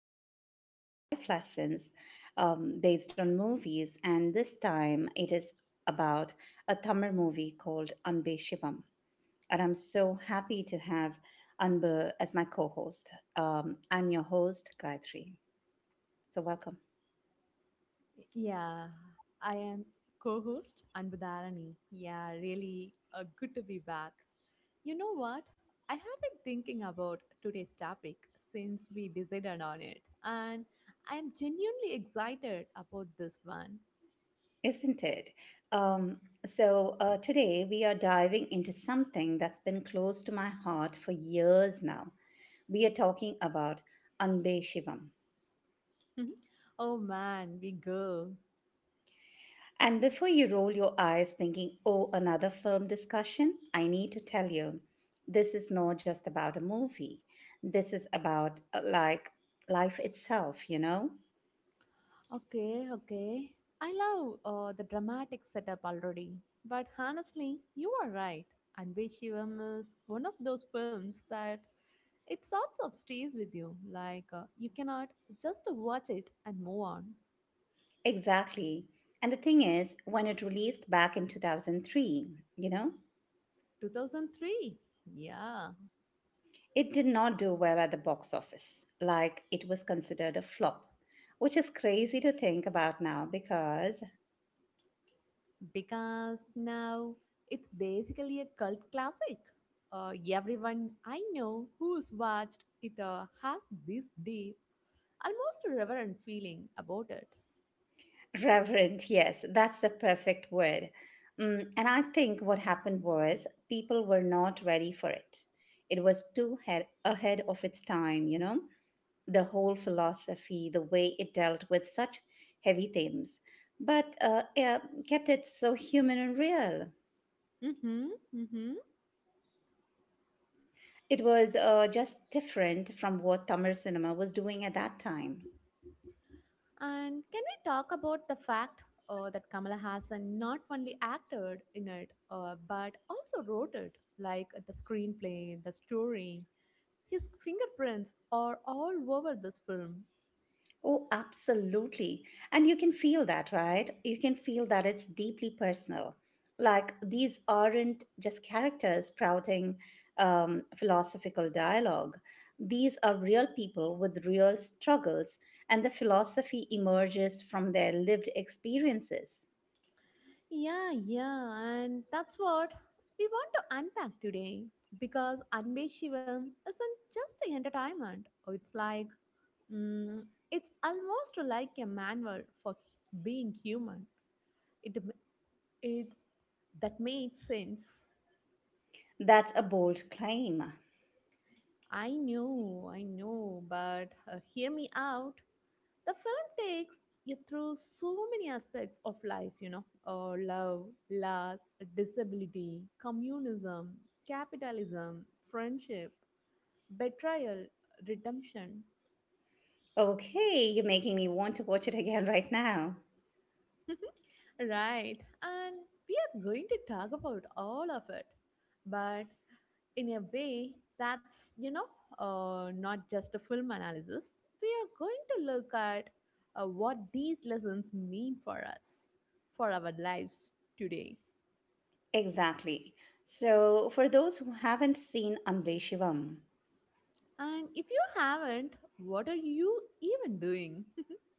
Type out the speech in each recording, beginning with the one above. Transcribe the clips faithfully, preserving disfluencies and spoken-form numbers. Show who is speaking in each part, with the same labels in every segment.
Speaker 1: discuss uh, life lessons um, based on movies. And this time it is about a Tamil movie called Anbe Shivam. And I'm so happy to have Anbu as my co host. Um, I'm your host, Gayatri. So, welcome.
Speaker 2: Yeah, I am co-host Anbudharani. Yeah, really uh, good to be back. You know what? I have been thinking about today's topic since we decided on it, and I am genuinely excited about this one.
Speaker 1: Isn't it? Um, so, uh, Today we are diving into something that's been close to my heart for years now. We are talking about Anbe Shivam.
Speaker 2: Oh man, we go.
Speaker 1: And before you roll your eyes thinking, oh, another film discussion, I need to tell you this is not just about a movie. This is about uh, like life itself, you know?
Speaker 2: Okay, okay. I love uh, the dramatic setup already. But honestly, you are right. And Shivam is one of those films that it sorts of stays with you. Like, uh, you cannot just watch it and move on.
Speaker 1: Exactly. And the thing is, when it released back in two thousand three, you know?
Speaker 2: two thousand three. Yeah.
Speaker 1: It did not do well at the box office, like it was considered a flop, which is crazy to think about now because,
Speaker 2: Because now it's basically a cult classic. Uh, everyone I know who's watched it uh, has this deep, almost a reverent feeling about it.
Speaker 1: Reverend, yes, that's the perfect word. Mm, and I think what happened was people were not ready for it. It was too head- ahead of its time, you know, the whole philosophy, the way it dealt with such heavy themes, but uh, yeah, kept it so human and real.
Speaker 2: Mm-hmm, mm-hmm.
Speaker 1: It was uh, just different from what Tamil cinema was doing at that time.
Speaker 2: And can we talk about the fact uh, that Kamala Hassan not only acted in it, uh, but also wrote it, like the screenplay, the story. His fingerprints are all over this film.
Speaker 1: Oh, absolutely. And you can feel that, right? You can feel that it's deeply personal. Like these aren't just characters sprouting um, philosophical dialogue. These are real people with real struggles, and the philosophy emerges from their lived experiences.
Speaker 2: Yeah, yeah, and that's what we want to unpack today. Because Anbe Shivam isn't just entertainment. It's like, Mm, it's almost like a manual for h- being human. It, m- it that makes sense.
Speaker 1: That's a bold claim.
Speaker 2: I know, I know, but uh, hear me out. The film takes you through so many aspects of life, you know, uh, love, loss, disability, communism, capitalism, friendship, betrayal, redemption.
Speaker 1: Okay, you're making me want to watch it again right now.
Speaker 2: Right, and we are going to talk about all of it, but in a way that's, you know, uh, not just a film analysis. We are going to look at uh, what these lessons mean for us, for our lives today.
Speaker 1: Exactly. So, for those who haven't seen Ambe Shivam,
Speaker 2: And if you haven't, what are you even doing?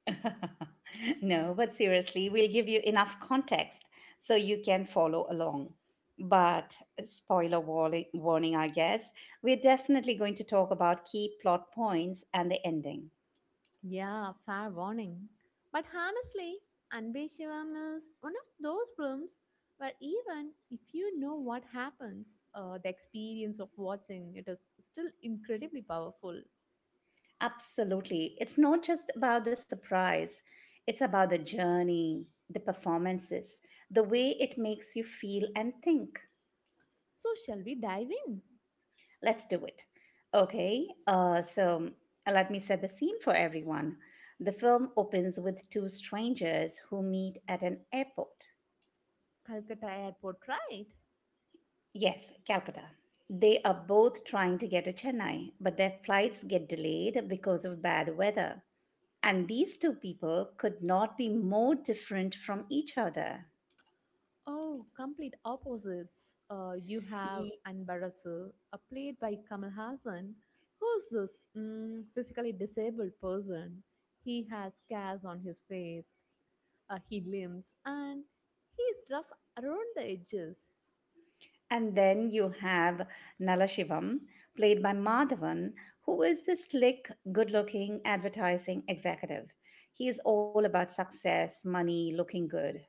Speaker 1: no, but seriously, we'll give you enough context so you can follow along. But, spoiler warning, warning, I guess, we're definitely going to talk about key plot points and the ending.
Speaker 2: Yeah, fair warning. But honestly, Anbe Shivam is one of those films where even if you know what happens, uh, the experience of watching it is still incredibly powerful.
Speaker 1: Absolutely. It's not just about the surprise, it's about the journey, the performances, the way it makes you feel and think.
Speaker 2: So, shall we dive in?
Speaker 1: Let's do it. Okay, uh, so let me set the scene for everyone. The film opens with two strangers who meet at an airport.
Speaker 2: Calcutta Airport, right?
Speaker 1: Yes, Calcutta. They are both trying to get to Chennai, but their flights get delayed because of bad weather. And these two people could not be more different from each other.
Speaker 2: Oh, complete opposites. Uh, you have
Speaker 1: Ye-
Speaker 2: Anbarasu, uh, played by Kamal Hassan, who's this mm, physically disabled person. He has scars on his face. Uh, he limps, and he is rough around the edges.
Speaker 1: And then you have Nalashivam, played by Madhavan, who is a slick, good looking advertising executive. He is all about success, money, looking good.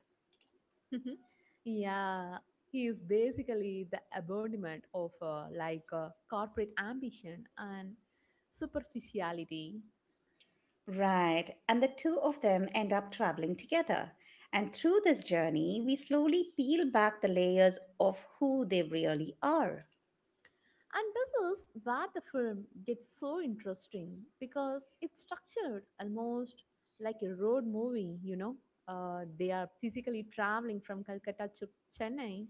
Speaker 2: Yeah, he is basically the embodiment of uh, like uh, corporate ambition and superficiality.
Speaker 1: Right. And the two of them end up traveling together. And through this journey, we slowly peel back the layers of who they really are.
Speaker 2: And this is where the film gets so interesting because it's structured almost like a road movie, you know. Uh, they are physically traveling from Calcutta to Chennai.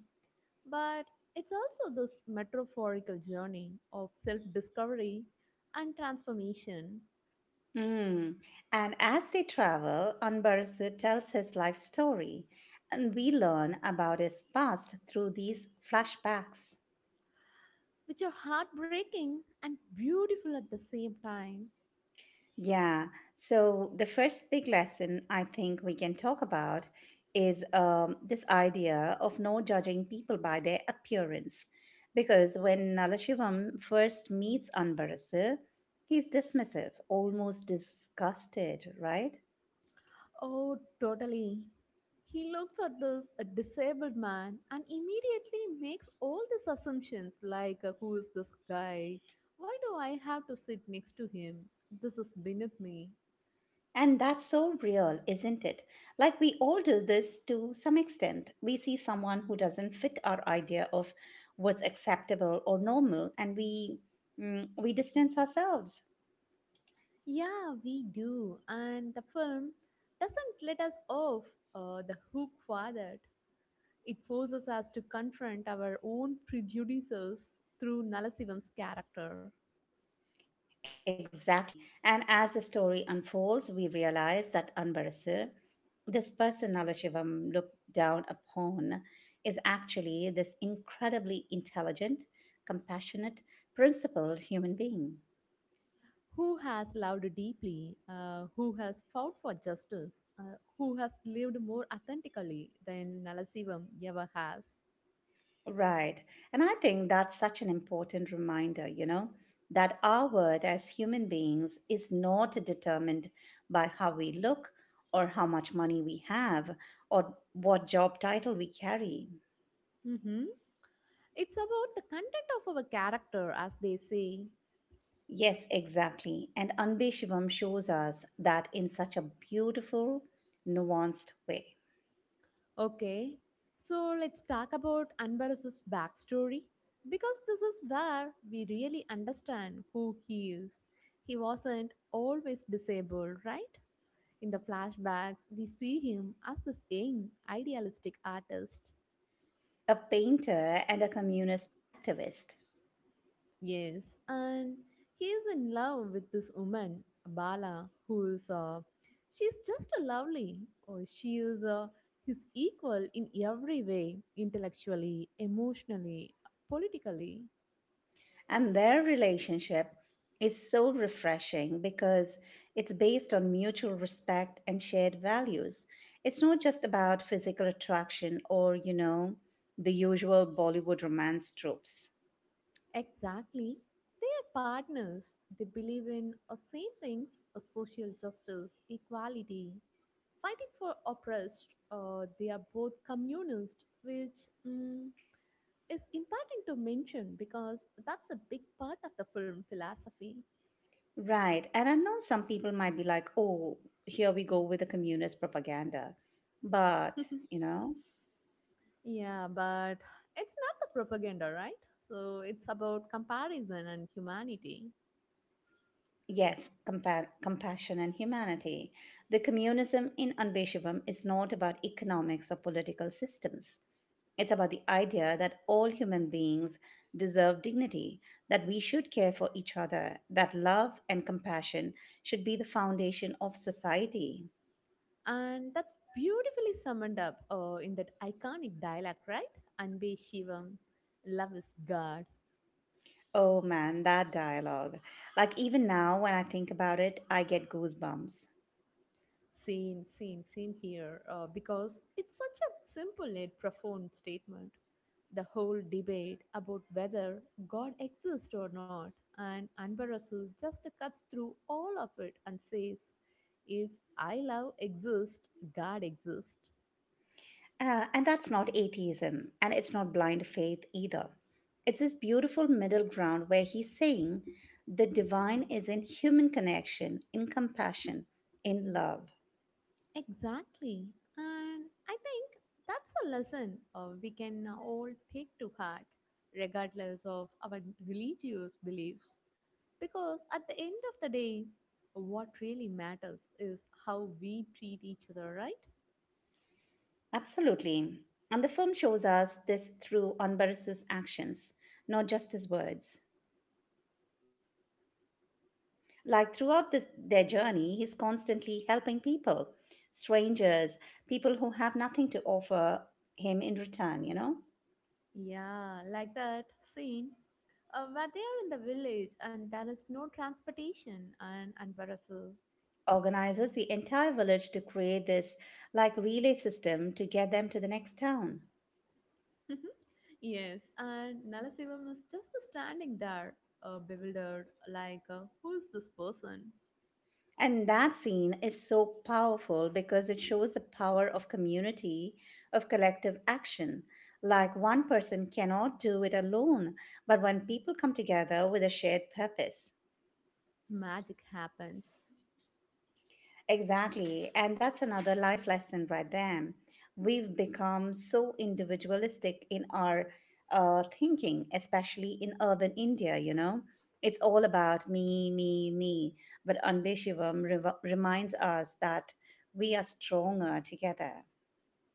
Speaker 2: But it's also this metaphorical journey of self discovery and transformation,
Speaker 1: Mm. And as they travel, Anbarasu tells his life story, and we learn about his past through these flashbacks.
Speaker 2: which are heartbreaking and beautiful at the same time.
Speaker 1: Yeah, so the first big lesson I think we can talk about is um, this idea of no judging people by their appearance. Because when Nalashivam first meets Anbarasu, he's dismissive, almost disgusted, right?
Speaker 2: Oh, totally. He looks at this a disabled man and immediately makes all these assumptions like, uh, who is this guy? Why do I have to sit next to him? This is beneath me.
Speaker 1: And that's so real, isn't it? Like we all do this to some extent. We see someone who doesn't fit our idea of what's acceptable or normal, and we mm, we distance ourselves.
Speaker 2: Yeah, we do. And the film doesn't let us off uh, the hook for that. It forces us to confront our own prejudices through Nalasivan's character,
Speaker 1: Exactly. And as the story unfolds, we realize that Anbarasir, this person Alashivam looked down upon, is actually this incredibly intelligent, compassionate, principled human being.
Speaker 2: who has loved deeply, uh, who has fought for justice, uh, who has lived more authentically than Nalasivam ever has.
Speaker 1: Right. And I think that's such an important reminder, you know, that our worth as human beings is not determined by how we look or how much money we have or what job title we carry.
Speaker 2: Mhm. It's about the content of our character, as they say.
Speaker 1: Yes, exactly. And Anbe Shivam shows us that in such a beautiful, nuanced way.
Speaker 2: Okay, so let's talk about Anbarus's backstory because this is where we really understand who he is. He wasn't always disabled, right? In the flashbacks, we see him as this young, idealistic artist.
Speaker 1: A painter and a communist activist.
Speaker 2: Yes, and he is in love with this woman, Bala, who is uh, she's just a lovely. Or she is uh, his equal in every way, intellectually, emotionally, politically.
Speaker 1: And their relationship is so refreshing because it's based on mutual respect and shared values. It's not just about physical attraction or, you know, the usual Bollywood romance tropes.
Speaker 2: Exactly. They are partners. They believe in the same things, uh, social justice, equality, fighting for oppressed. Uh, they are both communist, which mm, is important to mention because that's a big part of the film philosophy.
Speaker 1: Right. And I know some people might be like, oh, here we go with the communist propaganda. But, you know,
Speaker 2: Yeah, but it's not the propaganda, right? So it's about comparison and humanity.
Speaker 1: yes, compa- compassion and humanity. The communism in Anbeshivam is not about economics or political systems. It's about the idea that all human beings deserve dignity, that we should care for each other, that love and compassion should be the foundation of society.
Speaker 2: And that's beautifully summed up uh, in that iconic dialogue, right? Anbe Shivam, love is God.
Speaker 1: Oh man, that dialogue. Like, even now, when I think about it, I get goosebumps.
Speaker 2: Same, same, same here. Uh, because it's such a simple yet profound statement. The whole debate about whether God exists or not, and Anbarasu just cuts through all of it and says, If I love exists, God exists.
Speaker 1: Uh, and that's not atheism, and it's not blind faith either. It's this beautiful middle ground where he's saying the divine is in human connection, in compassion, in love.
Speaker 2: Exactly. And I think that's a lesson uh, we can all take to heart, regardless of our religious beliefs. Because at the end of the day, what really matters is how we treat each other, right?
Speaker 1: Absolutely. And the film shows us this through Anbaras's actions, not just his words. Like throughout this, their journey, he's constantly helping people, strangers, people who have nothing to offer him in return, you know?
Speaker 2: Yeah, like that scene uh, where they are in the village and there is no transportation, and, and Barasu.
Speaker 1: Organizes the entire village to create this like relay system to get them to the next town.
Speaker 2: Mhm. Yes, and Nalasivam was just standing there, uh, bewildered, like, uh, who's this person?
Speaker 1: And that scene is so powerful because it shows the power of community, of collective action. Like one person cannot do it alone, but when people come together with a shared purpose,
Speaker 2: Magic happens.
Speaker 1: exactly. And that's another life lesson right there. We've become so individualistic in our uh, thinking, especially in urban India, you know. It's all about me, me, me. But Anbe Shivam rev- reminds us that we are stronger together.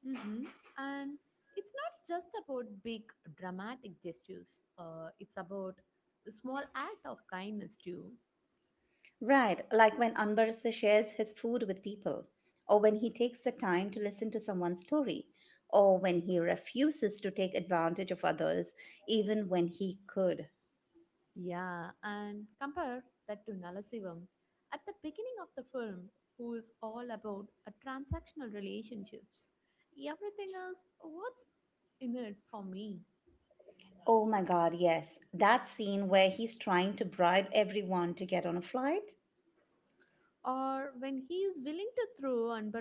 Speaker 2: Hmm. And it's not just about big dramatic gestures, uh, it's about a small act of kindness too.
Speaker 1: Right, like when Anbarasa shares his food with people, or when he takes the time to listen to someone's story, or when he refuses to take advantage of others even when he could.
Speaker 2: Yeah, and compare that to Nalasivam at the beginning of the film, who is all about a transactional relationships. Everything else, what's in it for me?
Speaker 1: Oh my God, yes. That scene where he's trying to bribe everyone to get on a flight?
Speaker 2: Or when he is willing to throw and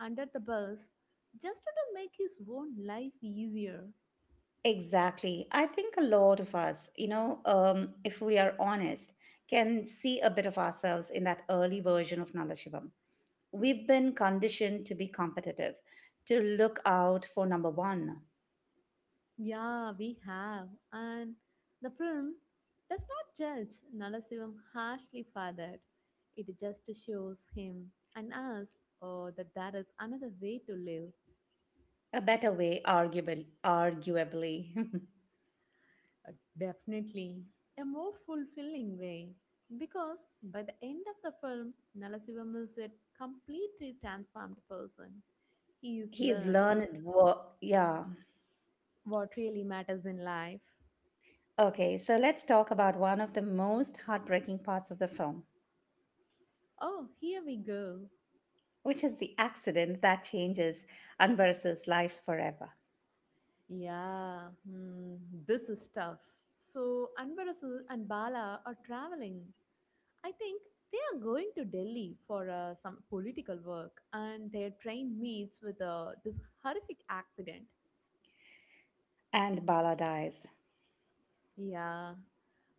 Speaker 2: under the bus just to make his own life easier.
Speaker 1: Exactly. I think a lot of us, you know, um, if we are honest, can see a bit of ourselves in that early version of Nala Shivam. We've been conditioned to be competitive, to look out for number one.
Speaker 2: Yeah, we have. And the film does not judge Nalasivam harshly for that. It just shows him and us, oh, that there is another way to live.
Speaker 1: A better way, arguably. Arguably.
Speaker 2: Uh, Definitely a more fulfilling way. Because by the end of the film, Nalasivam is a completely transformed person. He has
Speaker 1: He's
Speaker 2: learned
Speaker 1: learned work. Yeah.
Speaker 2: what really matters in life.
Speaker 1: Okay, so let's talk about one of the most heartbreaking parts of the film
Speaker 2: Oh, here we go.
Speaker 1: which is the accident that changes Anvar's life forever.
Speaker 2: Yeah, hmm, this is tough. So, Anvarasu and Bala are traveling. I think they are going to Delhi for uh, some political work, and their train meets with uh, this horrific accident.
Speaker 1: And Bala dies.
Speaker 2: Yeah,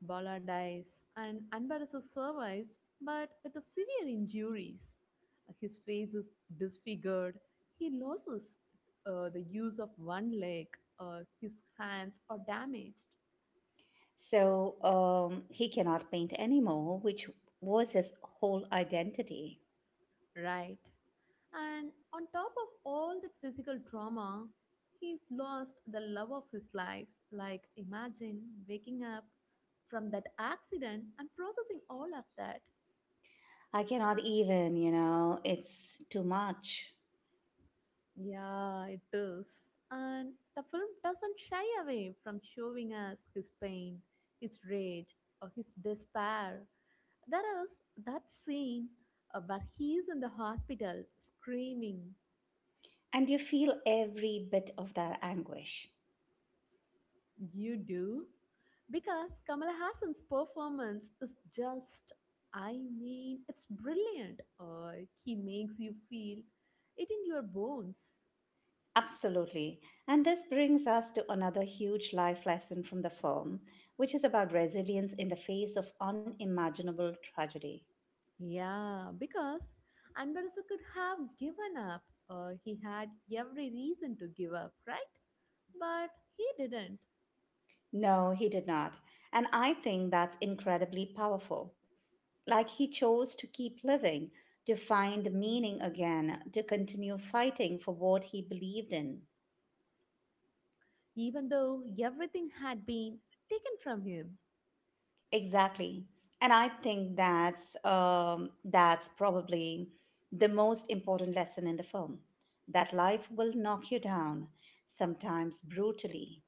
Speaker 2: Bala dies and Anbarasa survives, but with a severe injuries. His face is disfigured. He loses uh, the use of one leg. Uh, his hands are damaged,
Speaker 1: So um, he cannot paint anymore, which was his whole identity.
Speaker 2: right? And on top of all that physical trauma, he's lost the love of his life. Like, imagine waking up from that accident and processing all of that.
Speaker 1: I cannot even, you know, it's too much.
Speaker 2: Yeah, it is. And the film doesn't shy away from showing us his pain, his rage, or his despair. There is that scene uh, where he is in the hospital screaming.
Speaker 1: And you feel every bit of that anguish.
Speaker 2: You do? Because Kamala Hassan's performance is just, I mean, it's brilliant. Uh, he makes you feel it in your bones.
Speaker 1: Absolutely. And this brings us to another huge life lesson from the film, which is about resilience in the face of unimaginable tragedy.
Speaker 2: Yeah, because Anbarasa could have given up. Uh, he had every reason to give up, right? But he didn't,
Speaker 1: No, he did not. And I think that's incredibly powerful. Like he chose to keep living, to find meaning again, to continue fighting for what he believed in.
Speaker 2: even though everything had been taken from him.
Speaker 1: Exactly. And I think that's um, that's probably the most important lesson in the film. That life will knock you down, sometimes brutally,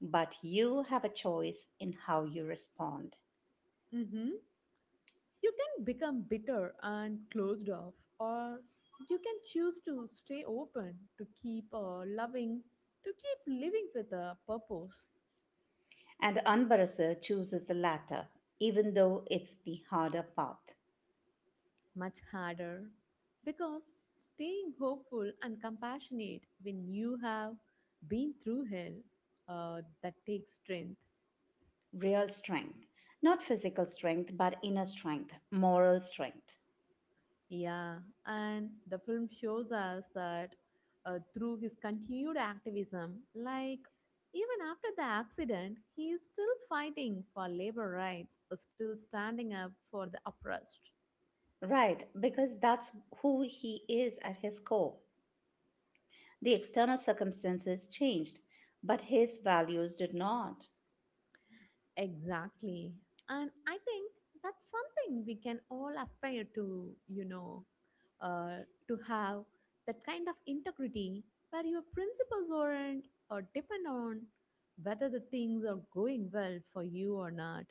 Speaker 1: but you have a choice in how you respond.
Speaker 2: Hmm. You can become bitter and closed off, or you can choose to stay open, to keep uh, loving, to keep living with a purpose.
Speaker 1: And Anbarasa chooses the latter, even though it's the harder path.
Speaker 2: Much harder, because staying hopeful and compassionate when you have been through hell, uh, that takes strength.
Speaker 1: Real strength. Not physical strength, but inner strength, moral strength.
Speaker 2: Yeah, and the film shows us that uh, through his continued activism, like even after the accident, he is still fighting for labor rights, uh, still standing up for the oppressed.
Speaker 1: Right, because that's who he is at his core. The external circumstances changed, but his values did not.
Speaker 2: Exactly. And I think that's something we can all aspire to, you know, uh, to have that kind of integrity where your principles aren't or depend on whether the things are going well for you or not.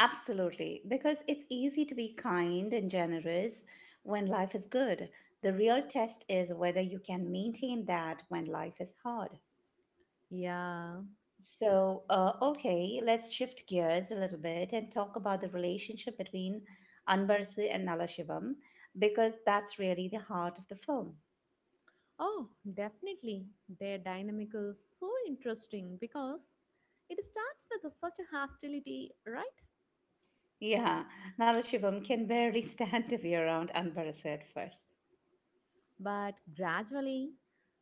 Speaker 1: Absolutely, because it's easy to be kind and generous when life is good. The real test is whether you can maintain that when life is hard.
Speaker 2: Yeah.
Speaker 1: So, uh, okay, let's shift gears a little bit and talk about the relationship between Anbarsi and Nalashivam because that's really the heart of the film.
Speaker 2: Oh, definitely. Their dynamic is so interesting because it starts with a- such a hostility, right?
Speaker 1: Yeah, Nalashivam can barely stand to be around Anbarsi at first.
Speaker 2: But gradually,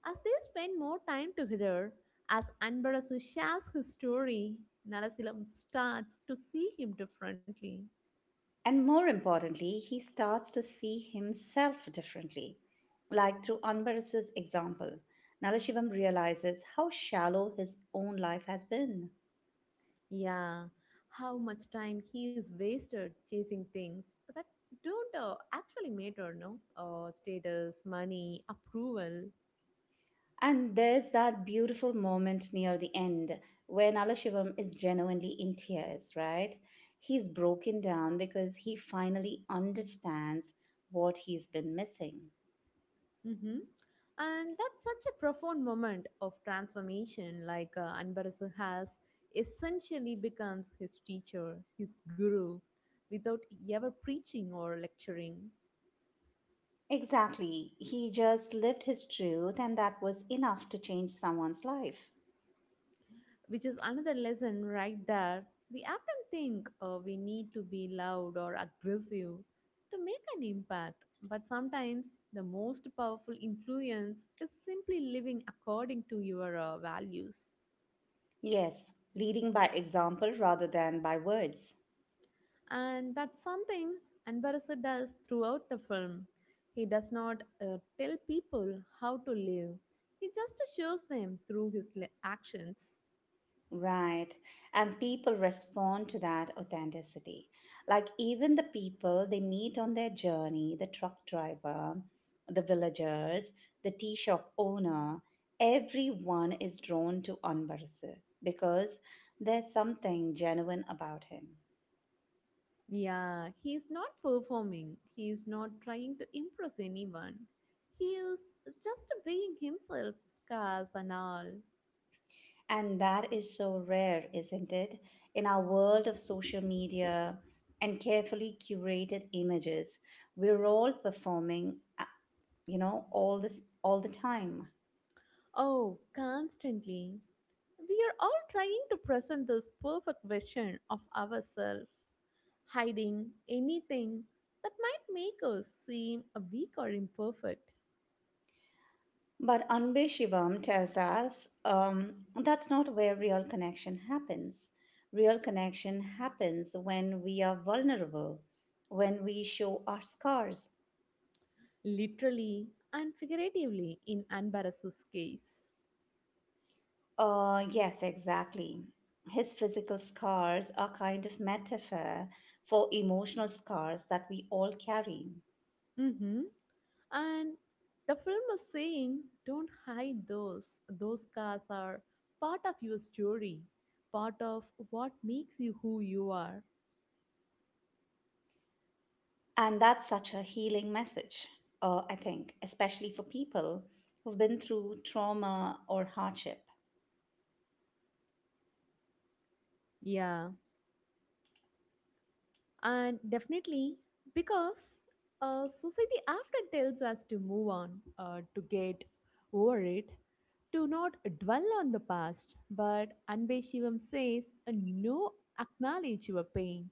Speaker 2: as they spend more time together, as Anbarasu shares his story, Nalasilam starts to see him differently.
Speaker 1: And more importantly, he starts to see himself differently. Like through Anbarsi's example, Nalashivam realizes how shallow his own life has been.
Speaker 2: Yeah, how much time he is wasted chasing things that don't uh, actually matter, no? Uh, status, money, approval.
Speaker 1: And there's that beautiful moment near the end when Alashivam is genuinely in tears, right? He's broken down because he finally understands what he's been missing.
Speaker 2: Mm-hmm. And that's such a profound moment of transformation. Like uh, Anbarasu has essentially becomes his teacher, his guru, without ever preaching or lecturing,
Speaker 1: Exactly. He just lived his truth, and that was enough to change someone's life.
Speaker 2: which is another lesson right there. We often think uh, we need to be loud or aggressive to make an impact, but sometimes the most powerful influence is simply living according to your uh, values.
Speaker 1: Yes, leading by example rather than by words.
Speaker 2: And that's something Anbarasa does throughout the film. He does not uh, tell people how to live. He just shows them through his li- actions.
Speaker 1: Right. And people respond to that authenticity. Like, even the people they meet on their journey the truck driver, the villagers, the tea shop owner everyone is drawn to Anbarasu because there's something genuine about him.
Speaker 2: Yeah, he is not performing. He is not trying to impress anyone. He is just being himself, scars and all.
Speaker 1: And that is so rare, isn't it? In our world of social media and carefully curated images, we're all performing, uh, you know, all this all the time.
Speaker 2: Oh, constantly. We are all trying to present this perfect version of ourselves, hiding anything that might make us seem weak or imperfect,
Speaker 1: But Anbe Shivam tells us um, that's not where real connection happens. Real connection happens when we are vulnerable, when we show our scars.
Speaker 2: literally and figuratively in Anbarasu's case.
Speaker 1: Uh, yes, exactly. His physical scars are kind of metaphor for emotional scars that we all carry.
Speaker 2: Hmm. And the film is saying, don't hide those. Those scars are part of your story, part of what makes you who you are.
Speaker 1: And that's such a healing message, uh, I think, especially for people who've been through trauma or hardship.
Speaker 2: Yeah, and definitely because uh, society often tells us to move on, uh, to get over it, to not dwell on the past. But Anbe Shivam says, uh, no, acknowledge your pain,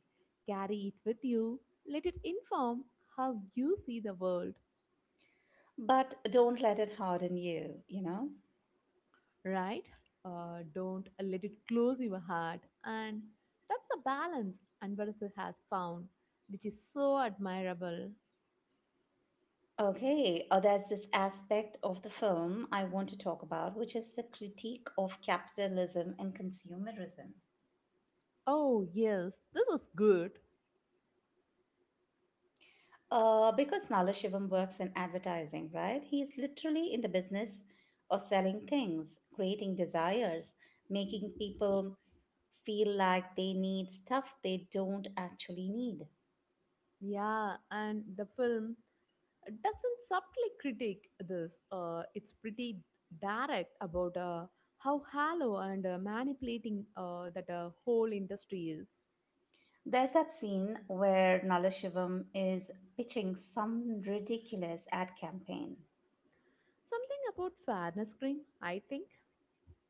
Speaker 2: carry it with you, let it inform how you see the world.
Speaker 1: But don't let it harden you, you know?
Speaker 2: Right, uh, don't let it close your heart. And that's the balance Anvarasu has found, which is so admirable.
Speaker 1: Okay, uh, there's this aspect of the film I want to talk about, which is the critique of capitalism and consumerism.
Speaker 2: Oh, yes, this is good.
Speaker 1: Uh, because Nala Shivam works in advertising, right? He's literally in the business of selling things, creating desires, making people feel like they need stuff they don't actually need.
Speaker 2: Yeah, and the film doesn't subtly critique this. Uh, it's pretty direct about uh, how hollow and uh, manipulating uh, that uh, whole industry is.
Speaker 1: There's that scene where Nalashivam is pitching some ridiculous ad campaign.
Speaker 2: Something about fairness cream, I think.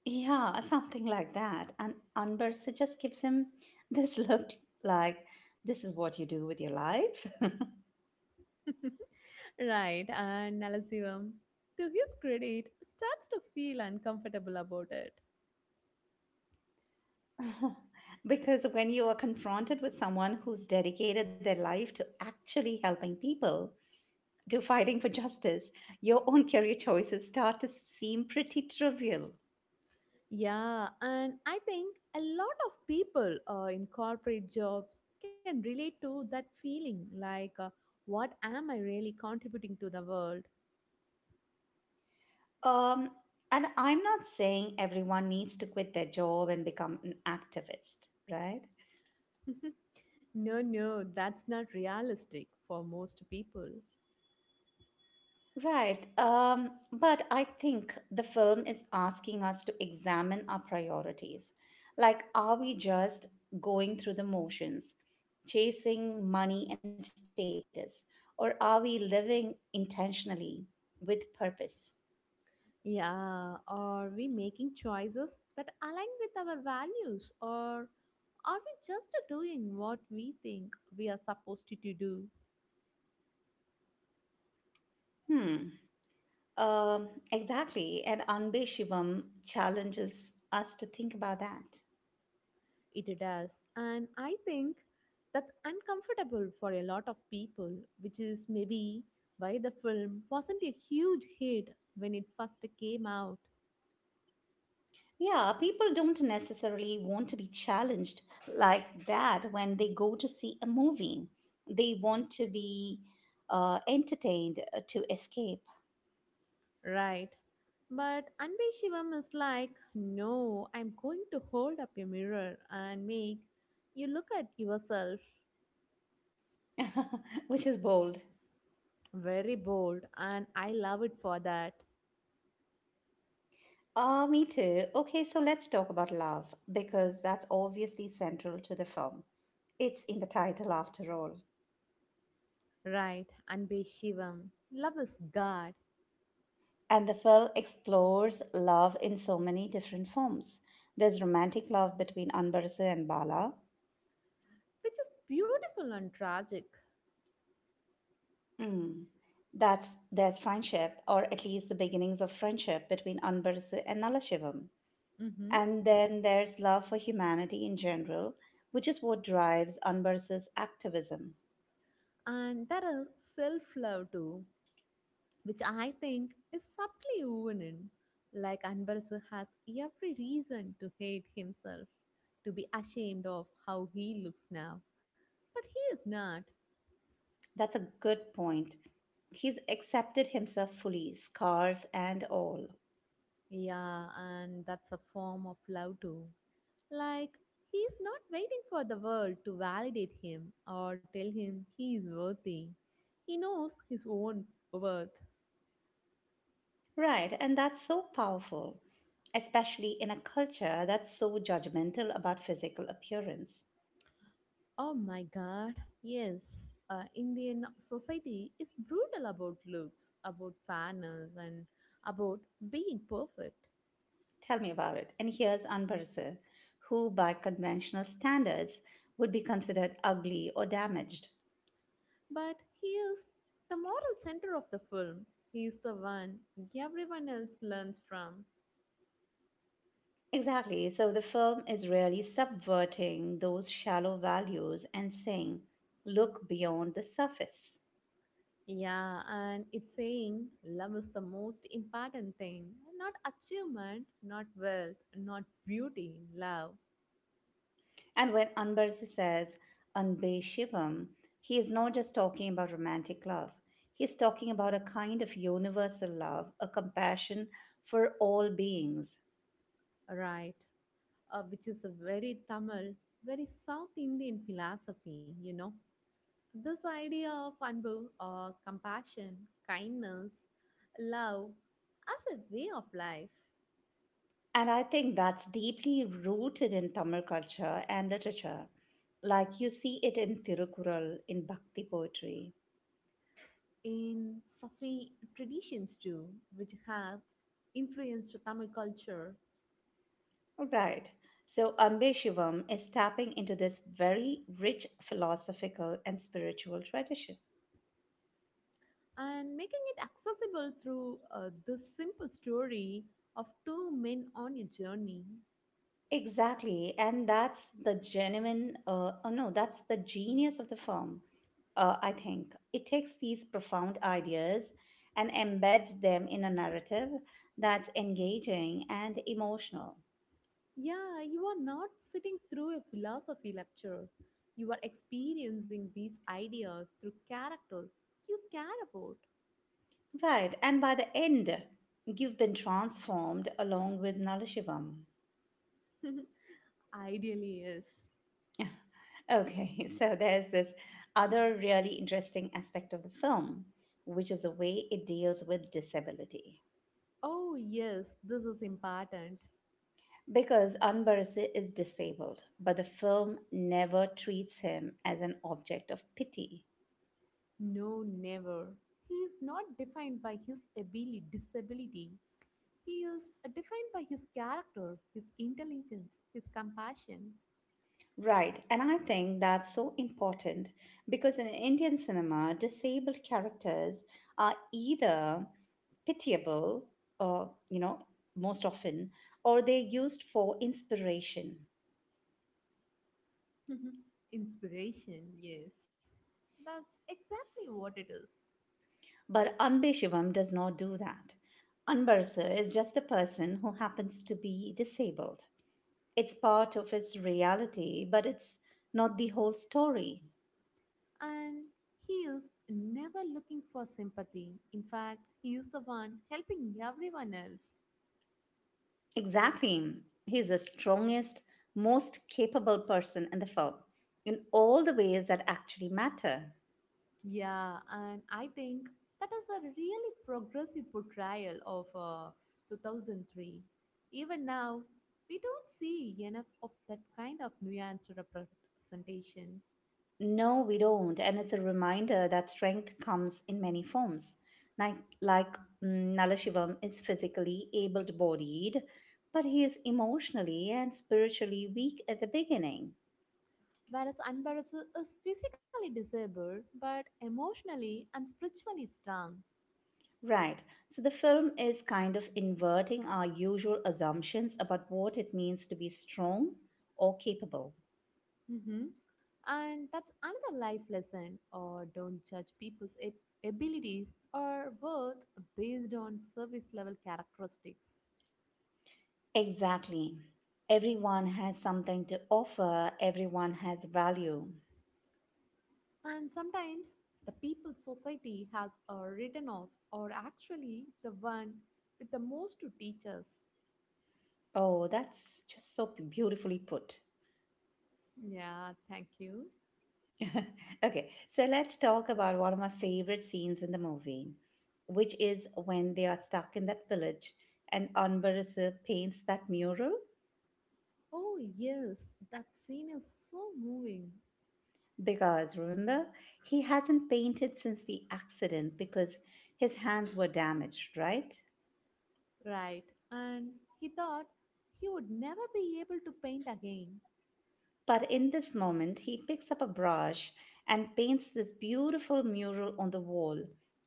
Speaker 1: Yeah, something like that. And Anbar just gives him this look like, this is what you do with your life.
Speaker 2: Right, and Nalasivam, to his credit, starts to feel uncomfortable about it.
Speaker 1: Because when you are confronted with someone who's dedicated their life to actually helping people, to fighting for justice, your own career choices start to seem pretty trivial.
Speaker 2: Yeah, and I think a lot of people uh, in corporate jobs can relate to that feeling, like, uh, what am I really contributing to the world?
Speaker 1: Um, and I'm not saying everyone needs to quit their job and become an activist, right?
Speaker 2: No, no, that's not realistic for most people.
Speaker 1: Right. Um, but I think the film is asking us to examine our priorities. Like, are we just going through the motions, chasing money and status, or are we living intentionally with purpose?
Speaker 2: Yeah, are we making choices that align with our values, or are we just doing what we think we are supposed to do?
Speaker 1: Hmm. Um, exactly. And Anbe Shivam challenges us to think about that.
Speaker 2: It does. And I think that's uncomfortable for a lot of people, which is maybe why the film wasn't a huge hit when it first came out.
Speaker 1: Yeah, people don't necessarily want to be challenged like that when they go to see a movie. They want to be uh, entertained uh, to escape,
Speaker 2: Right. But Anbe Shivam is like, no, I'm going to hold up a mirror and make you look at yourself.
Speaker 1: which is bold.
Speaker 2: Very bold, and I love it for that.
Speaker 1: Ah, me too. Okay, so let's talk about love because that's obviously central to the film. It's in the title after all.
Speaker 2: Right, Anbe Shivam. Love is God,
Speaker 1: And the film explores love in so many different forms. There's romantic love between Anbarasu and Bala.
Speaker 2: which is beautiful and tragic.
Speaker 1: Mm. That's there's friendship, or at least the beginnings of friendship between Anbarsu and Nalashivam.
Speaker 2: Mm-hmm.
Speaker 1: And then there's love for humanity in general, which is what drives Anbarsu's activism.
Speaker 2: And there is self love too, which I think is subtly woven in. Like Anbarasu has every reason to hate himself, to be ashamed of how he looks now, but he is not.
Speaker 1: That's a good point. He's accepted himself fully, scars and all.
Speaker 2: Yeah, and that's a form of love too. Like he is not waiting for the world to validate him or tell him he is worthy. He knows his own worth.
Speaker 1: Right, and that's so powerful, especially in a culture that's so judgmental about physical appearance.
Speaker 2: Oh my god, yes. Uh, Indian society is brutal about looks, about fairness, and about being perfect.
Speaker 1: Tell me about it. And here's Anbarse, who by conventional standards would be considered ugly or damaged.
Speaker 2: But he is the moral center of the film. He is the one everyone else learns from.
Speaker 1: Exactly. So the film is really subverting those shallow values and saying, look beyond the surface.
Speaker 2: Yeah, and it's saying love is the most important thing. Not achievement, not wealth, not beauty, love.
Speaker 1: And when Anbarse says Anbe Shivam, he is not just talking about romantic love. He's talking about a kind of universal love, a compassion for all beings.
Speaker 2: Right. Uh, which is a very Tamil, very South Indian philosophy, you know. This idea of anbu, uh, compassion, kindness, love as a way of life
Speaker 1: And I think that's deeply rooted in Tamil culture and literature. Like you see it in Tirukural, in Bhakti poetry.
Speaker 2: in Sufi traditions too, which have influenced Tamil culture,
Speaker 1: Right. So Ambe Shivam is tapping into this very rich philosophical and spiritual tradition.
Speaker 2: and making it accessible through uh, this simple story of two men on a journey.
Speaker 1: Exactly. And that's the genuine, uh, oh no, that's the genius of the film, uh, I think. It takes these profound ideas and embeds them in a narrative that's engaging and emotional.
Speaker 2: Yeah, you are not sitting through a philosophy lecture. You are experiencing these ideas through characters you care about.
Speaker 1: Right, and by the end, you've been transformed along with Nallashivam.
Speaker 2: Ideally, yes.
Speaker 1: Okay, so there's this other really interesting aspect of the film, which is the way it deals with disability.
Speaker 2: Oh, yes, this is important.
Speaker 1: Because Anbarasi is disabled, but the film never treats him as an object of pity.
Speaker 2: No, never. He is not defined by his ability, disability. He is uh, defined by his character, his intelligence, his compassion.
Speaker 1: Right, and I think that's so important because in Indian cinema, disabled characters are either pitiable, or you know, most often, or they're used for inspiration.
Speaker 2: Inspiration, yes. That's exactly what it is.
Speaker 1: But Anbe Shivam does not do that. Anbarsa is just a person who happens to be disabled. It's part of his reality, but it's not the whole story.
Speaker 2: And he is never looking for sympathy. In fact, he is the one helping everyone else.
Speaker 1: Exactly. He's the strongest, most capable person in the film in all the ways that actually matter.
Speaker 2: Yeah, and I think that is a really progressive portrayal of uh, two thousand three. Even now, we don't see enough of that kind of nuanced representation.
Speaker 1: No, we don't. And it's a reminder that strength comes in many forms. Like, like mm, Nalashivam is physically able bodied, but he is emotionally and spiritually weak at the beginning.
Speaker 2: Whereas Anbarus is physically disabled but emotionally and spiritually strong.
Speaker 1: Right. So the film is kind of inverting our usual assumptions about what it means to be strong or capable.
Speaker 2: Hmm. And that's another life lesson, or don't judge people's ab- abilities or worth based on service level characteristics.
Speaker 1: Exactly. Everyone has something to offer, everyone has value.
Speaker 2: And sometimes the people society has uh, written off are actually the one with the most to teach us.
Speaker 1: Oh, that's just so beautifully put.
Speaker 2: Yeah, thank you.
Speaker 1: Okay, so let's talk about one of my favorite scenes in the movie, which is when they are stuck in that village and Anbarasa paints that mural.
Speaker 2: Oh, yes, that scene is so moving.
Speaker 1: Because remember, he hasn't painted since the accident because his hands were damaged, right?
Speaker 2: Right. And he thought he would never be able to paint again.
Speaker 1: But in this moment, he picks up a brush and paints this beautiful mural on the wall.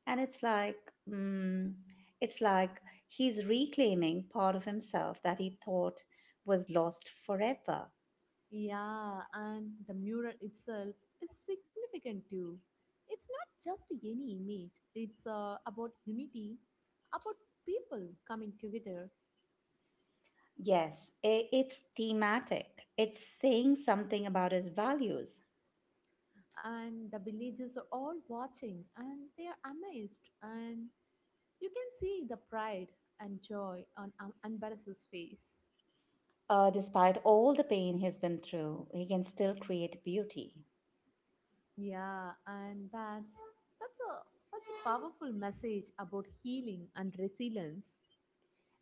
Speaker 1: And it's like, mm, it's like he's reclaiming part of himself that he thought was lost forever.
Speaker 2: Yeah, and the mural itself is significant too. It's not just any image, it's uh, about unity, about people coming together,
Speaker 1: Yes, i- it's thematic. It's saying something about his values.
Speaker 2: and the villagers are all watching and they are amazed, and you can see the pride and joy on um, Anbaras's face.
Speaker 1: Uh, despite all the pain he's been through, he can still create beauty.
Speaker 2: Yeah, and that's that's a, such a powerful message about healing and resilience.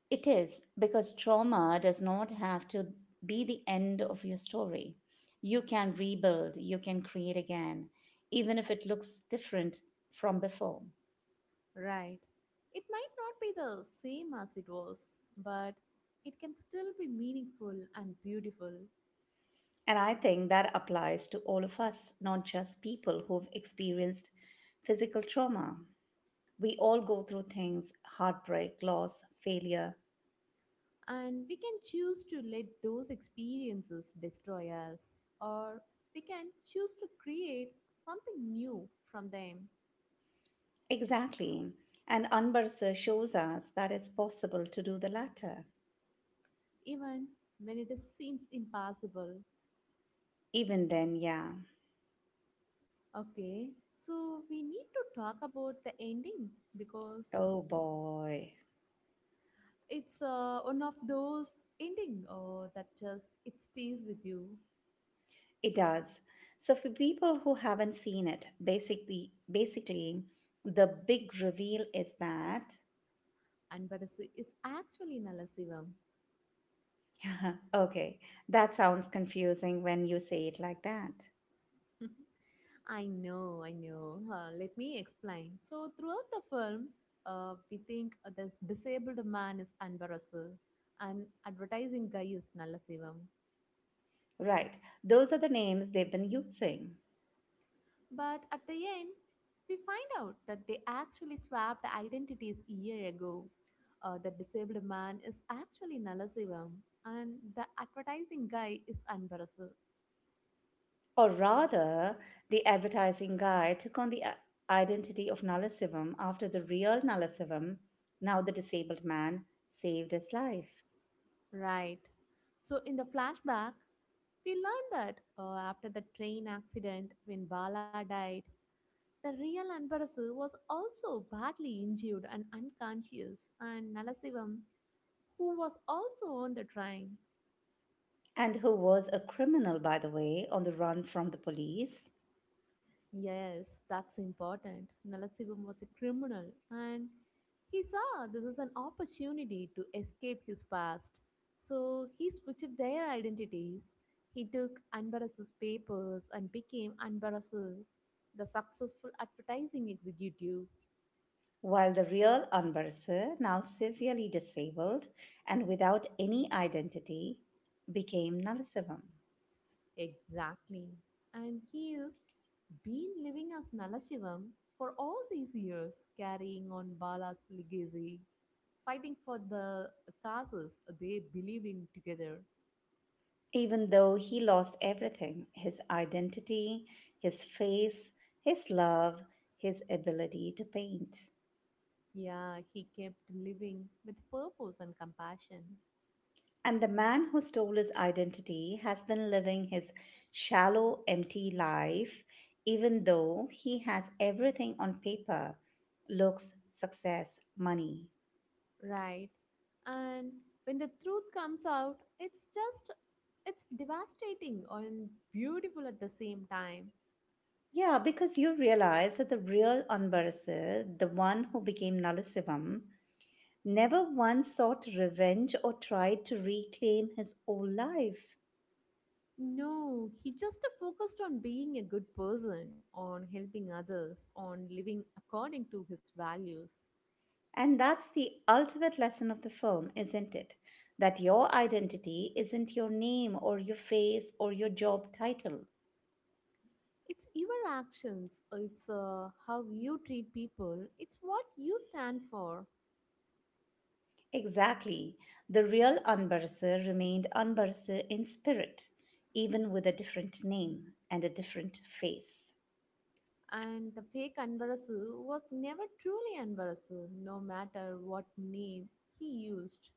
Speaker 1: It is because trauma does not have to be the end of your story. You can rebuild, you can create again, even if it looks different from before.
Speaker 2: Right, it might not be the same as it was, but it can still be meaningful and beautiful.
Speaker 1: And I think that applies to all of us, not just people who've experienced physical trauma. We all go through things heartbreak, loss, failure.
Speaker 2: And we can choose to let those experiences destroy us, or we can choose to create something new from them,
Speaker 1: Exactly. And Anbarsa shows us that it's possible to do the latter.
Speaker 2: even when it is- seems impossible.
Speaker 1: Even then, yeah.
Speaker 2: Okay, so we need to talk about the ending because
Speaker 1: Oh boy.
Speaker 2: it's uh, one of those ending uh, that just, it stays with you,
Speaker 1: It does. So for people who haven't seen it, basically basically the big reveal is that
Speaker 2: and but is is actually Nalasivam.
Speaker 1: okay, that sounds confusing when you say it like that.
Speaker 2: I know, I know. Uh, let me explain. So, throughout the film, uh, we think uh, the disabled man is Anvarasu and advertising guy is Nallasivam.
Speaker 1: Right. Those are the names they've been using.
Speaker 2: But at the end, we find out that they actually swapped identities a year ago. Uh, the disabled man is actually Nallasivam and the advertising guy is Anvarasu.
Speaker 1: Or rather, the advertising guy took on the i- identity of Nalasivam after the real Nalasivam, now the disabled man, saved his life.
Speaker 2: Right. So, in the flashback, we learn that uh, after the train accident when Bala died, the real emperor was also badly injured and unconscious, and Nalasivam, who was also on the train.
Speaker 1: And who was a criminal, by the way, on the run from the police.
Speaker 2: Yes, that's important. Nalasivam was a criminal, and he saw this is an opportunity to escape his past. So he switched their identities. He took Anbaras's papers and became Anbarasu, the successful advertising executive.
Speaker 1: While the real Anbarsa, now severely disabled and without any identity, became Nalasivam.
Speaker 2: Exactly. And he is been living as Nalashivam for all these years, carrying on Bala's legacy, fighting for the causes they believed in together.
Speaker 1: Even though he lost everything his identity, his face, his love, his ability to paint.
Speaker 2: Yeah, he kept living with purpose and compassion.
Speaker 1: And the man who stole his identity has been living his shallow, empty life, even though he has everything on paper looks, success, money.
Speaker 2: Right. And when the truth comes out, it's just, it's devastating and beautiful at the same time.
Speaker 1: Yeah, because you realize that the real Anbarasir, the one who became Nalasivam, never once sought revenge or tried to reclaim his old life.
Speaker 2: No, he just focused on being a good person, on helping others, on living according to his values.
Speaker 1: And that's the ultimate lesson of the film, isn't it? That your identity isn't your name or your face or your job title.
Speaker 2: It's your actions, it's uh, how you treat people, it's what you stand for.
Speaker 1: Exactly. The real Anbarasir remained Anbarasir in spirit, even with a different name and a different face.
Speaker 2: And the fake Anbarasu was never truly Anbarasu, no matter what name he used,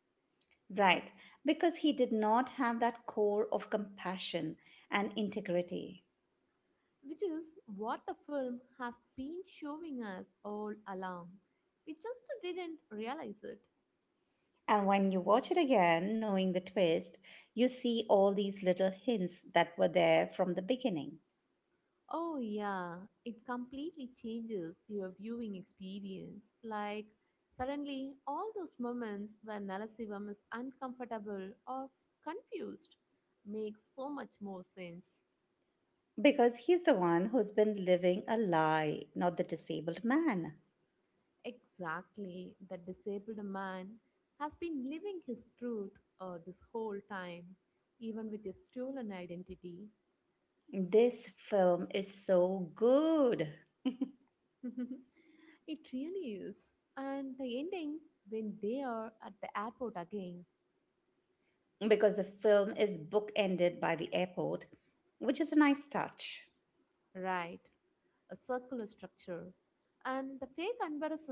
Speaker 1: Right, because he did not have that core of compassion and integrity.
Speaker 2: which is what the film has been showing us all along. We just didn't realize it.
Speaker 1: And when you watch it again, knowing the twist, you see all these little hints that were there from the beginning.
Speaker 2: Oh, yeah, it completely changes your viewing experience. Like, suddenly, all those moments where Nalasivam is uncomfortable or confused make so much more sense.
Speaker 1: Because he's the one who's been living a lie, not the disabled man.
Speaker 2: Exactly, the disabled man has been living his truth uh, this whole time, even with his stolen identity.
Speaker 1: This film is so good
Speaker 2: It really is. And the ending, when they are at the airport again,
Speaker 1: because the film is bookended by the airport, which is a nice touch.
Speaker 2: right? A circular structure. And the fake embarrassed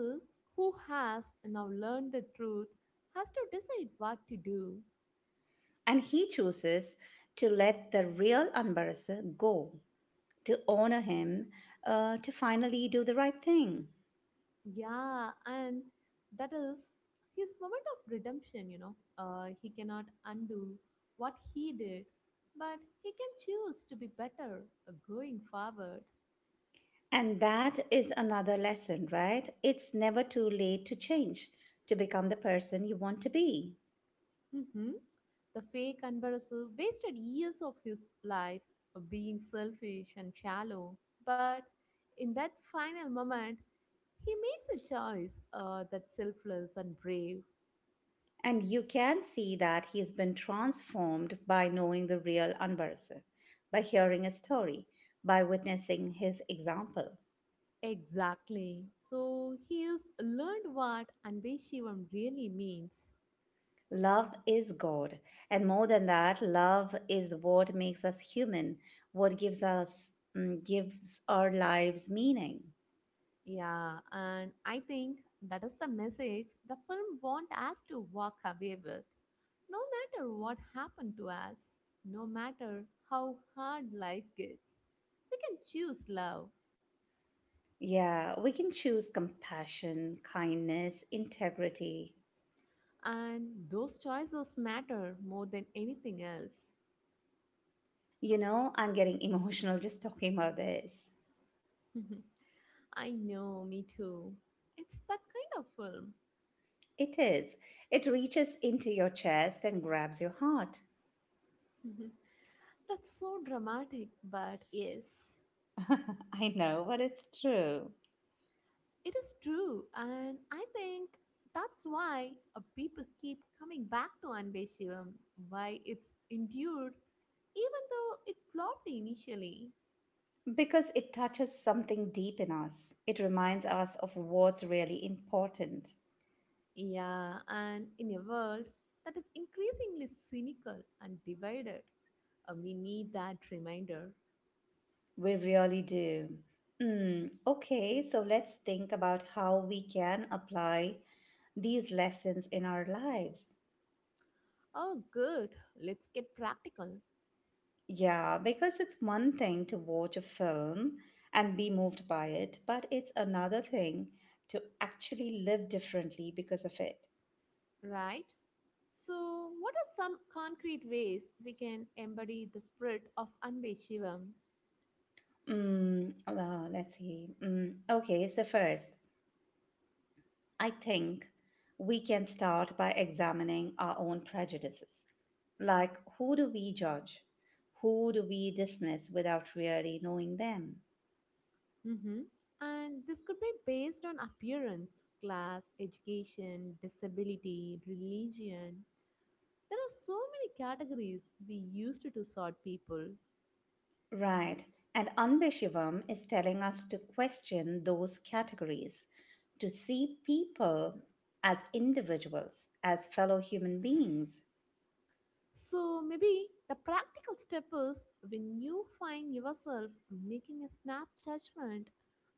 Speaker 2: who has now learned the truth has to decide what to do.
Speaker 1: And he chooses to let the real Ambarasa go to honor him, uh, to finally do the right thing.
Speaker 2: Yeah, and that is his moment of redemption, you know. Uh, he cannot undo what he did, but he can choose to be better uh, going forward.
Speaker 1: And that is another lesson, right? It's never too late to change, to become the person you want to be.
Speaker 2: Hmm. The fake Anbarasu wasted years of his life of being selfish and shallow. But in that final moment, he makes a choice uh, that's selfless and brave.
Speaker 1: And you can see that he's been transformed by knowing the real Anvarse, by hearing his story, by witnessing his example.
Speaker 2: Exactly. So he has learned what Anbeshivam really means.
Speaker 1: Love is God. And more than that, love is what makes us human, what gives us mm, gives our lives meaning.
Speaker 2: Yeah, and I think that is the message the film wants us to walk away with. No matter what happened to us, no matter how hard life gets, we can choose love,
Speaker 1: Yeah, we can choose compassion, kindness, integrity.
Speaker 2: and those choices matter more than anything else.
Speaker 1: You know, I'm getting emotional just talking about this.
Speaker 2: I know, me too. It's that kind of film.
Speaker 1: It is. It reaches into your chest and grabs your heart.
Speaker 2: That's so dramatic, but yes.
Speaker 1: I know, but it's true.
Speaker 2: It is true, and I think that's why uh, people keep coming back to Anbe Shivam, why it's endured, even though it flopped initially.
Speaker 1: Because it touches something deep in us. It reminds us of what's really important.
Speaker 2: Yeah, and in a world that is increasingly cynical and divided, uh, we need that reminder.
Speaker 1: We really do. Mm, okay, so let's think about how we can apply these lessons in our lives.
Speaker 2: Oh, good, let's get practical,
Speaker 1: Yeah, because it's one thing to watch a film and be moved by it, but it's another thing to actually live differently because of it.
Speaker 2: right? So, what are some concrete ways we can embody the spirit of Anbe Shivam?
Speaker 1: Mm, uh, let's see. Mm, okay, so first, I think we can start by examining our own prejudices. Like, who do we judge? Who do we dismiss without really knowing them?
Speaker 2: Mm-hmm. And this could be based on appearance, class, education, disability, religion. There are so many categories we used to sort people.
Speaker 1: Right. And Anbeshivam is telling us to question those categories, to see people as individuals, as fellow human beings.
Speaker 2: So maybe the practical step is when you find yourself making a snap judgment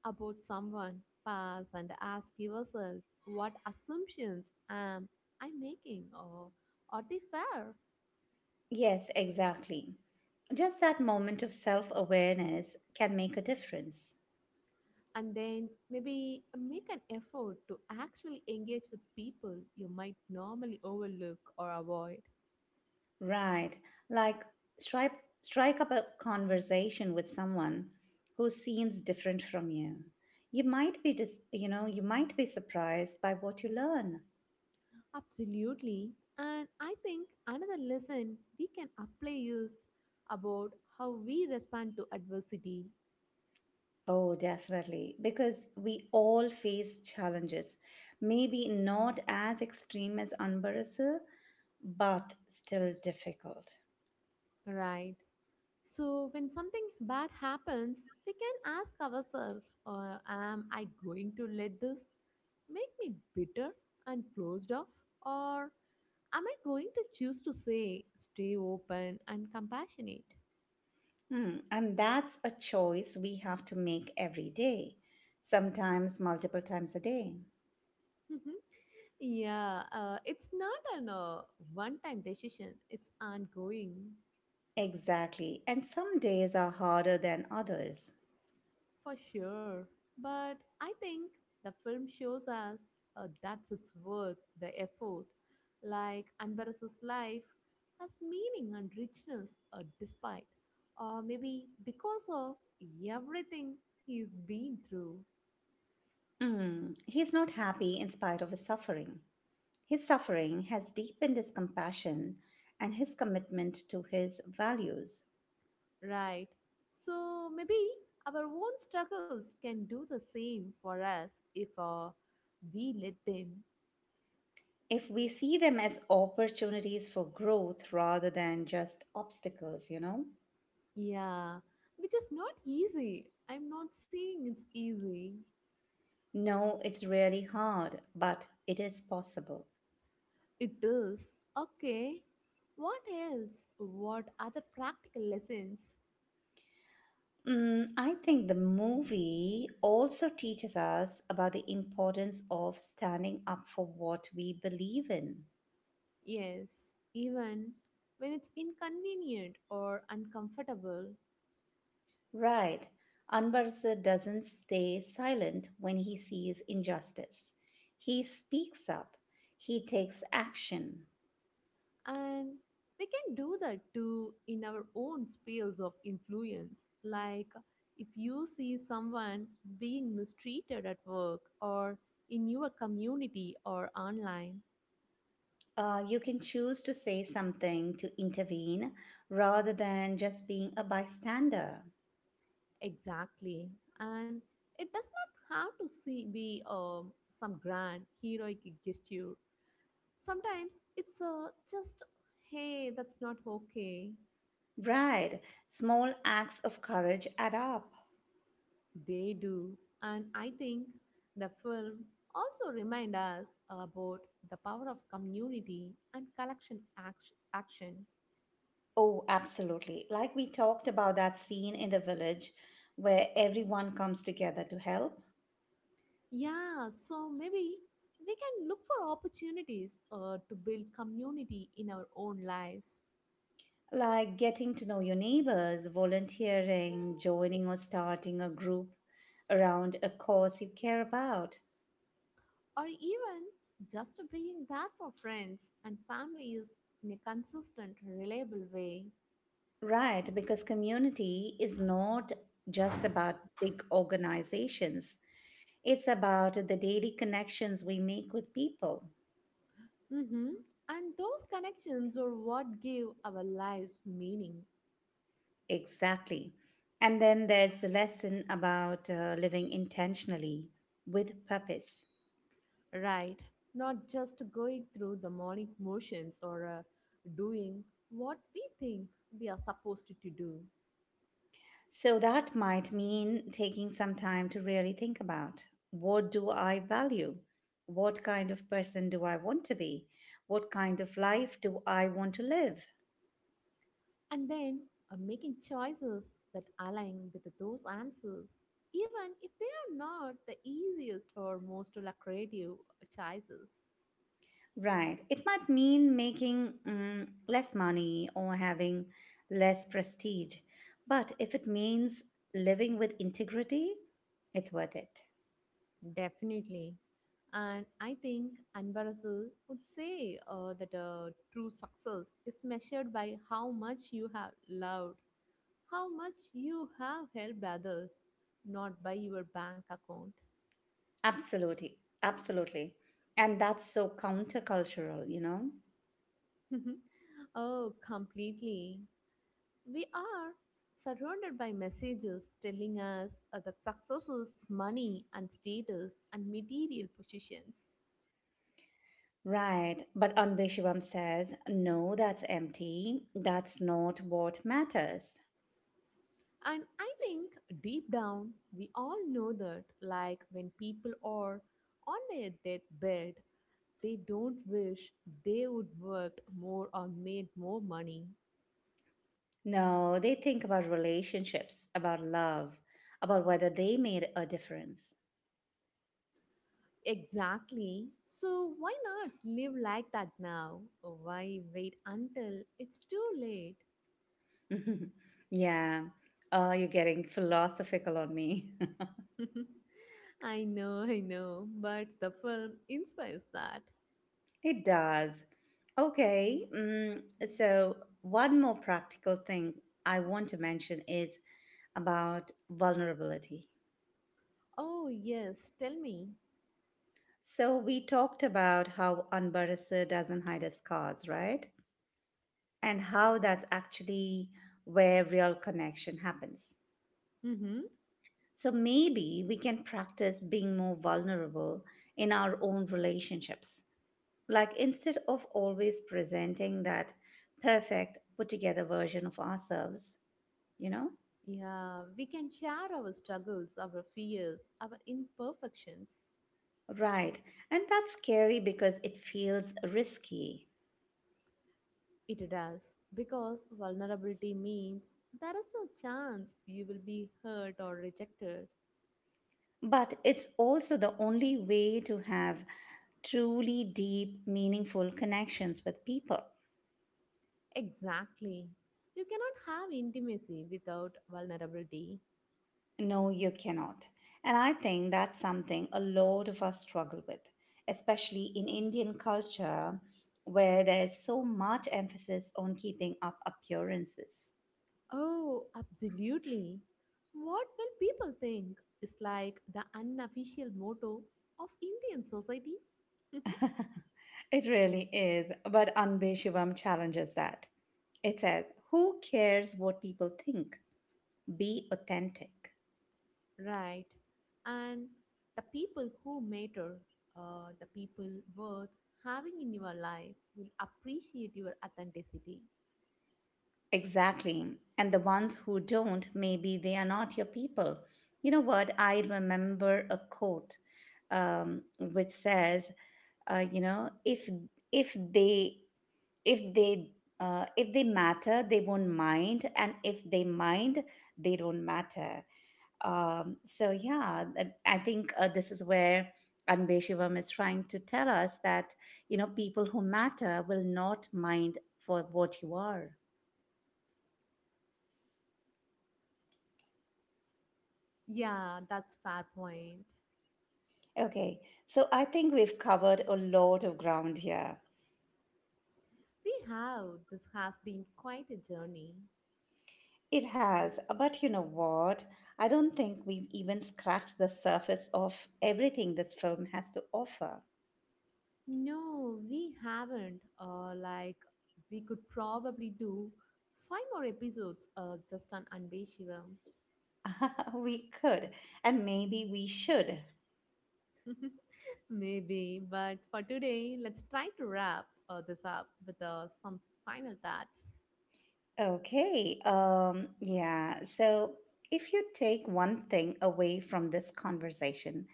Speaker 2: about someone, pause and ask yourself, what assumptions am I making, or are they fair?
Speaker 1: Yes, exactly. Just that moment of self awareness can make a difference.
Speaker 2: And then maybe make an effort to actually engage with people you might normally overlook or avoid.
Speaker 1: Right. Like strike, strike up a conversation with someone who seems different from you. You might be dis- you know, you might be surprised by what you learn.
Speaker 2: Absolutely. And I think another lesson we can apply is about how we respond to adversity,
Speaker 1: Oh, definitely. Because we all face challenges. Maybe not as extreme as Anbarasa, but still difficult.
Speaker 2: right? So, when something bad happens, we can ask ourselves, uh, am I going to let this make me bitter and closed off? Or am I going to choose to say, stay open and compassionate?
Speaker 1: Hmm. And that's a choice we have to make every day, sometimes multiple times a day.
Speaker 2: Mhm. Yeah, uh, it's not an uh, one time decision, it's ongoing.
Speaker 1: Exactly. And some days are harder than others.
Speaker 2: For sure. But I think the film shows us uh, that it's worth the effort. Like Anvaras's life has meaning and richness uh, despite, or maybe because of everything he's been through,
Speaker 1: Hmm. He's not happy in spite of his suffering. His suffering has deepened his compassion and his commitment to his values.
Speaker 2: right? So maybe our own struggles can do the same for us if uh, we let them.
Speaker 1: If we see them as opportunities for growth rather than just obstacles, you know?
Speaker 2: Yeah, which is not easy. I'm not saying it's easy.
Speaker 1: No, it's really hard, but it is possible.
Speaker 2: It is. Okay. What else? What other practical lessons?
Speaker 1: Mm, I think the movie also teaches us about the importance of standing up for what we believe in.
Speaker 2: Yes, even when it's inconvenient or uncomfortable.
Speaker 1: Right. Anbarsa doesn't stay silent when he sees injustice. He speaks up. He takes action.
Speaker 2: And we can do that too in our own spheres of influence. Like if you see someone being mistreated at work or in your community or online,
Speaker 1: Uh, you can choose to say something to intervene rather than just being a bystander.
Speaker 2: exactly. And it does not have to see, be um, some grand heroic gesture. Sometimes it's uh, just, hey, that's not okay.
Speaker 1: Right. Small acts of courage add up.
Speaker 2: They do. And I think the film also remind us about the power of community and collection act- action.
Speaker 1: Oh, absolutely. Like we talked about that scene in the village where everyone comes together to help,
Speaker 2: Yeah, so maybe we can look for opportunities uh, to build community in our own lives.
Speaker 1: like getting to know your neighbors, volunteering, joining or starting a group around a cause you care about.
Speaker 2: Or even just being there for friends and families in a consistent, reliable way.
Speaker 1: Right, because community is not just about big organizations. It's about the daily connections we make with people.
Speaker 2: Mhm. And those connections are what give our lives meaning,
Speaker 1: Exactly. And then there's the lesson about uh, living intentionally with purpose.
Speaker 2: right? Not just going through the morning motions or uh, doing what we think we are supposed to do,
Speaker 1: So that might mean taking some time to really think about what do I value? What kind of person do I want to be? What kind of life do I want to live?
Speaker 2: and then uh, making choices that align with those answers, even if they are not the easiest or most lucrative choices.
Speaker 1: Right. It might mean making mm, less money or having less prestige. But if it means living with integrity, it's worth it.
Speaker 2: Definitely. And I think Anwar Rasul would say uh, that uh, true success is measured by how much you have loved, how much you have helped others, not by your bank account.
Speaker 1: Absolutely. Absolutely. And that's so countercultural, you know?
Speaker 2: Oh, completely. We are surrounded by messages telling us uh, that success is money and status and material positions.
Speaker 1: Right. But Anbe Shivam says, no, that's empty. That's not what matters.
Speaker 2: And I think deep down, we all know that, like when people are on their deathbed, they don't wish they would worked more or made more money.
Speaker 1: No, they think about relationships, about love, about whether they made a difference.
Speaker 2: Exactly. So why not live like that now? Why wait until it's too late?
Speaker 1: Yeah. Oh, you're getting philosophical on me.
Speaker 2: I know, I know, but the film inspires that.
Speaker 1: It does. Okay. Mm, so, one more practical thing I want to mention is about vulnerability.
Speaker 2: Oh, yes, tell me.
Speaker 1: So, we talked about how Anbarasa doesn't hide his scars, right? And how that's actually where real connection happens.
Speaker 2: Mm-hmm.
Speaker 1: So, maybe we can practice being more vulnerable in our own relationships. Like instead of always presenting that perfect, put together version of ourselves, you know?
Speaker 2: Yeah, we can share our struggles, our fears, our imperfections.
Speaker 1: Right. And that's scary because it feels risky.
Speaker 2: It does, because vulnerability means there is a chance you will be hurt or rejected.
Speaker 1: But it's also the only way to have truly deep, meaningful connections with people.
Speaker 2: Exactly. You cannot have intimacy without vulnerability.
Speaker 1: No, you cannot. And I think that's something a lot of us struggle with, especially in Indian culture where there's so much emphasis on keeping up appearances.
Speaker 2: Oh, absolutely. What will people think is like the unofficial motto of Indian society.
Speaker 1: It really is, but Anbe Shivam challenges that. It says, who cares what people think? Be authentic.
Speaker 2: Right. And the people who matter, uh, the people worth having in your life will appreciate your authenticity.
Speaker 1: Exactly. And the ones who don't, maybe they are not your people. You know what? I remember a quote um, which says, uh, you know, if if they if they uh, if they matter, they won't mind, and if they mind, they don't matter. Um, so yeah, th- I think uh, this is where Anbe Shivam is trying to tell us that you know people who matter will not mind for what you are.
Speaker 2: Yeah, that's fair point.
Speaker 1: Okay, so I think we've covered a lot of ground here.
Speaker 2: We have, this has been quite a journey.
Speaker 1: It has, but you know what? I don't think we've even scratched the surface of everything this film has to offer.
Speaker 2: No, we haven't. Uh, like we could probably do five more episodes uh, just on Anbe Shivam.
Speaker 1: we could, and maybe we should.
Speaker 2: Maybe, but for today, let's try to wrap uh, this up with uh, some final thoughts.
Speaker 1: Okay. Um, yeah. So if you take one thing away from this conversation,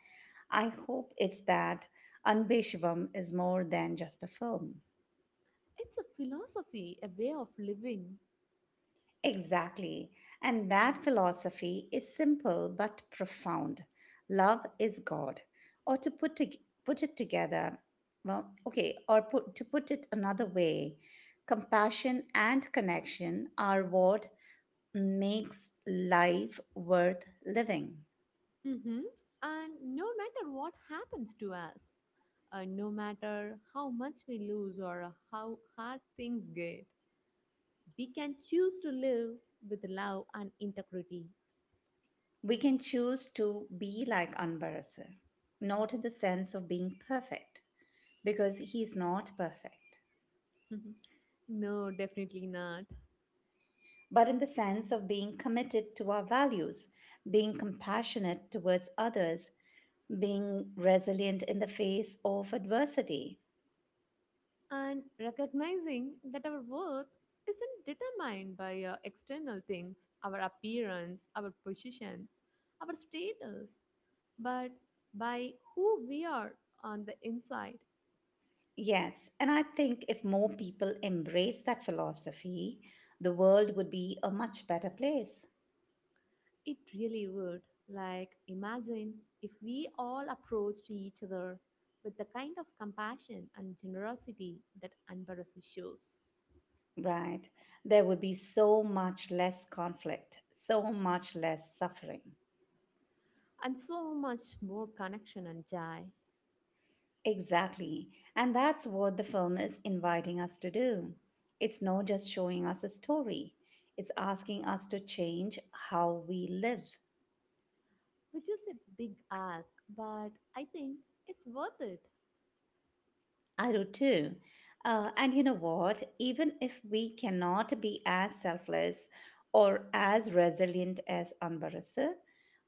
Speaker 1: I hope it's that Anbe Shivam is more than just a film.
Speaker 2: It's a philosophy, a way of living.
Speaker 1: Exactly. And that philosophy is simple but profound. Love is God. Or to put, to, put it together, well, okay, or put, to put it another way, compassion and connection are what makes life worth living.
Speaker 2: Hmm. And no matter what happens to us, uh, no matter how much we lose or how hard things get, we can choose to live with love and integrity.
Speaker 1: We can choose to be like Anbarasar, not in the sense of being perfect, because he is not perfect,
Speaker 2: No, definitely not.
Speaker 1: but in the sense of being committed to our values, being compassionate towards others, being resilient in the face of adversity.
Speaker 2: And recognizing that our worth isn't determined by uh, external things, our appearance, our positions, our status, but by who we are on the inside.
Speaker 1: Yes, and I think if more people embrace that philosophy, the world would be a much better place.
Speaker 2: It really would. Like, imagine if we all approached each other with the kind of compassion and generosity that Anbarasa shows,
Speaker 1: Right. There would be so much less conflict, so much less suffering.
Speaker 2: and so much more connection and joy.
Speaker 1: Exactly. And that's what the film is inviting us to do. It's not just showing us a story, it's asking us to change how we live.
Speaker 2: Which is a big ask, but I think it's worth it.
Speaker 1: I do too. Uh, and you know what? Even if we cannot be as selfless or as resilient as Anbarasa,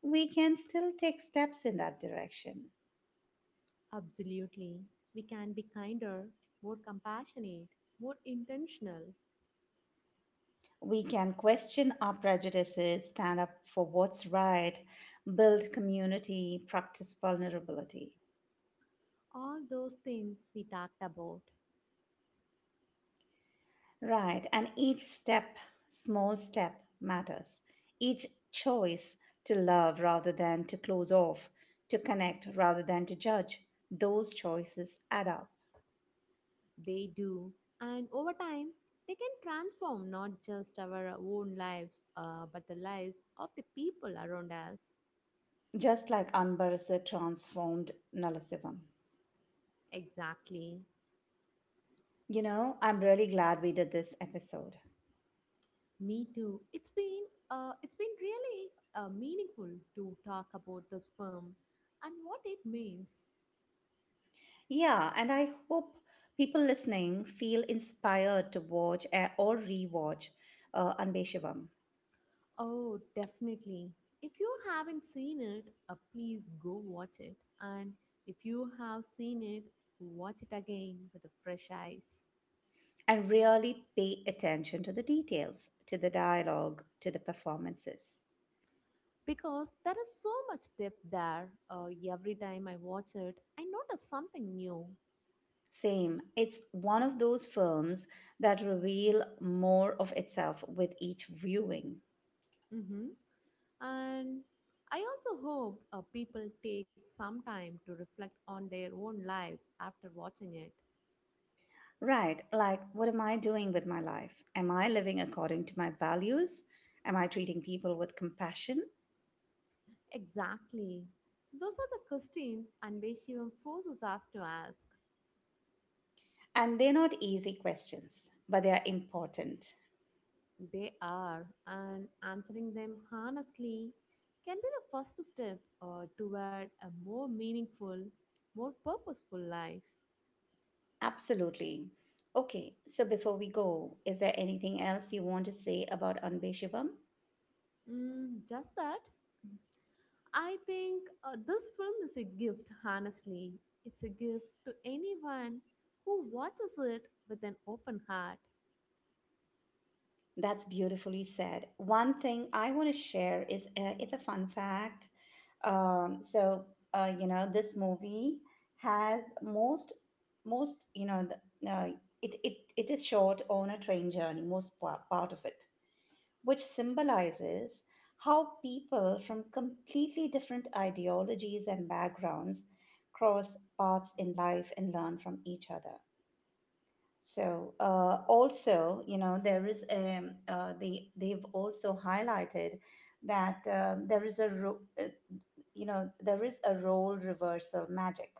Speaker 1: we can still take steps in that direction.
Speaker 2: Absolutely. We can be kinder, more compassionate, more intentional.
Speaker 1: We can question our prejudices, stand up for what's right, build community, practice vulnerability.
Speaker 2: All those things we talked about,
Speaker 1: Right, and each step, small step, matters. Each choice to love rather than to close off, to connect rather than to judge, those choices add up.
Speaker 2: they do. And over time, they can transform not just our own lives, uh, but the lives of the people around us.
Speaker 1: Just like Anbarasa transformed Nalasivam.
Speaker 2: Exactly.
Speaker 1: You know, I'm really glad we did this episode.
Speaker 2: Me too. It's been, uh, it's been really uh, meaningful to talk about this film and what it means.
Speaker 1: Yeah, and I hope people listening feel inspired to watch eh, or rewatch uh, Anbeshivam.
Speaker 2: Oh, definitely. If you haven't seen it, uh, please go watch it. And if you have seen it, watch it again with a fresh eyes.
Speaker 1: And really pay attention to the details, to the dialogue, to the performances.
Speaker 2: Because there is so much depth there. Uh, every time I watch it, I notice something new.
Speaker 1: Same, it's one of those films that reveal more of itself with each viewing.
Speaker 2: Hmm. And I also hope uh, people take some time to reflect on their own lives after watching it.
Speaker 1: Right, like what am I doing with my life? Am I living according to my values? Am I treating people with compassion?
Speaker 2: Exactly. Those are the questions Anveshivam forces us to ask.
Speaker 1: And they're not easy questions, but they are important.
Speaker 2: They are, and answering them honestly can be the first step uh, toward a more meaningful, more purposeful life.
Speaker 1: Absolutely. Okay, so before we go, is there anything else you want to say about Anbe Shivam?
Speaker 2: Mm, just that, I think uh, this film is a gift, honestly. It's a gift to anyone who watches it with an open heart.
Speaker 1: That's beautifully said. One thing I want to share is uh, it's a fun fact. Um, so uh, you know, this movie has most most you know the, uh, it it it is short on a train journey, most pa- part of it, which symbolizes how people from completely different ideologies and backgrounds cross paths in life and learn from each other. So uh, also, you know, there is um, uh, the they've also highlighted that um, there is a ro- uh, you know there is a role reversal magic.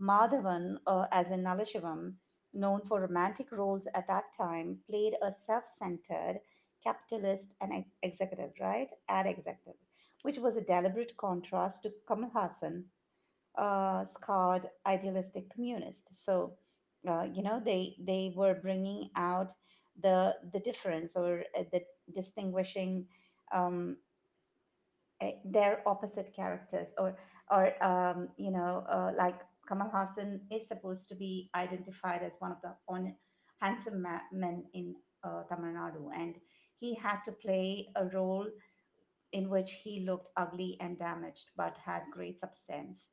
Speaker 1: Madhavan, uh, as in Nalasivam, known for romantic roles at that time, played a self-centered capitalist and ex- executive, right? Ad executive, which was a deliberate contrast to Kamal Hassan, uh, scarred idealistic communist. So, uh, you know, they they were bringing out the the difference or uh, the distinguishing um, eh, their opposite characters, or or um, you know, uh, like Kamal Hassan is supposed to be identified as one of the on, handsome ma- men in uh, Tamil Nadu, and he had to play a role in which he looked ugly and damaged but had great substance.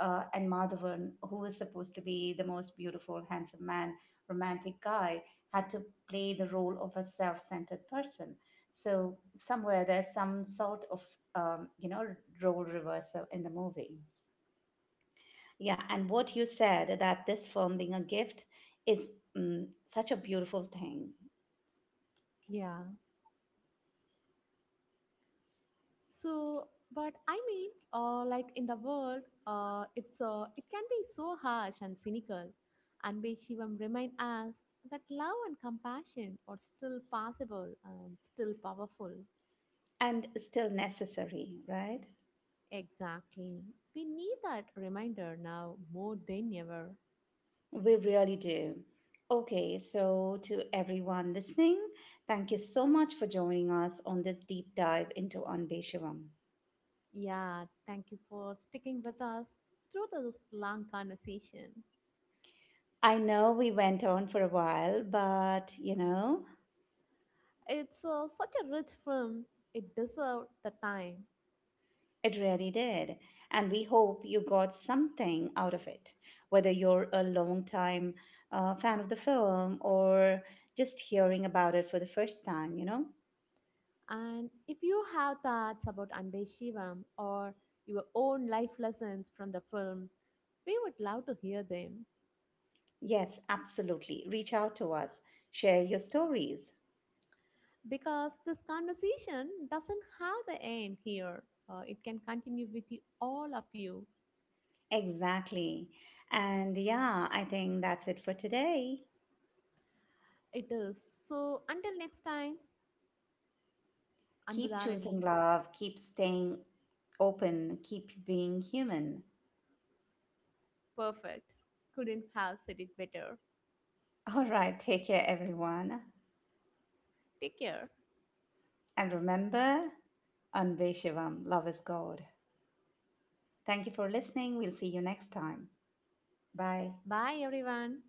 Speaker 1: Uh, and Madhavan, who was supposed to be the most beautiful, handsome man, romantic guy, had to play the role of a self centered person. So, somewhere there's some sort of, um, you know, role reversal in the movie. Yeah, and what you said that this film being a gift is mm, such a beautiful thing
Speaker 2: Yeah. So, but I mean, uh, like in the world, uh, it's uh, it can be so harsh and cynical, and may Shivam remind us that love and compassion are still possible and still powerful.
Speaker 1: and still necessary, right?
Speaker 2: Exactly, we need that reminder now more than ever.
Speaker 1: We really do. Okay, so to everyone listening, thank you so much for joining us on this deep dive into Anbe Shivam.
Speaker 2: Yeah, thank you for sticking with us through this long conversation.
Speaker 1: I know we went on for a while, but you know,
Speaker 2: It's uh, such a rich film; it deserved the time.
Speaker 1: it really did. And we hope you got something out of it, whether you're a long time uh, fan of the film or just hearing about it for the first time, you know?
Speaker 2: And if you have thoughts about Anbe Shivam or your own life lessons from the film, we would love to hear them.
Speaker 1: Yes, absolutely. Reach out to us, share your stories.
Speaker 2: Because this conversation doesn't have the end here. Uh, it can continue with you, all of you.
Speaker 1: Exactly. And yeah, I think that's it for today.
Speaker 2: It is. So until next time,
Speaker 1: Keep
Speaker 2: Anbudharani,
Speaker 1: choosing love, keep staying open, keep being human.
Speaker 2: perfect. Couldn't have said it better.
Speaker 1: All right, take care, everyone.
Speaker 2: Take care.
Speaker 1: And remember, Anve Shivam, love is God. Thank you for listening. We'll see you next time. Bye.
Speaker 2: Bye, everyone.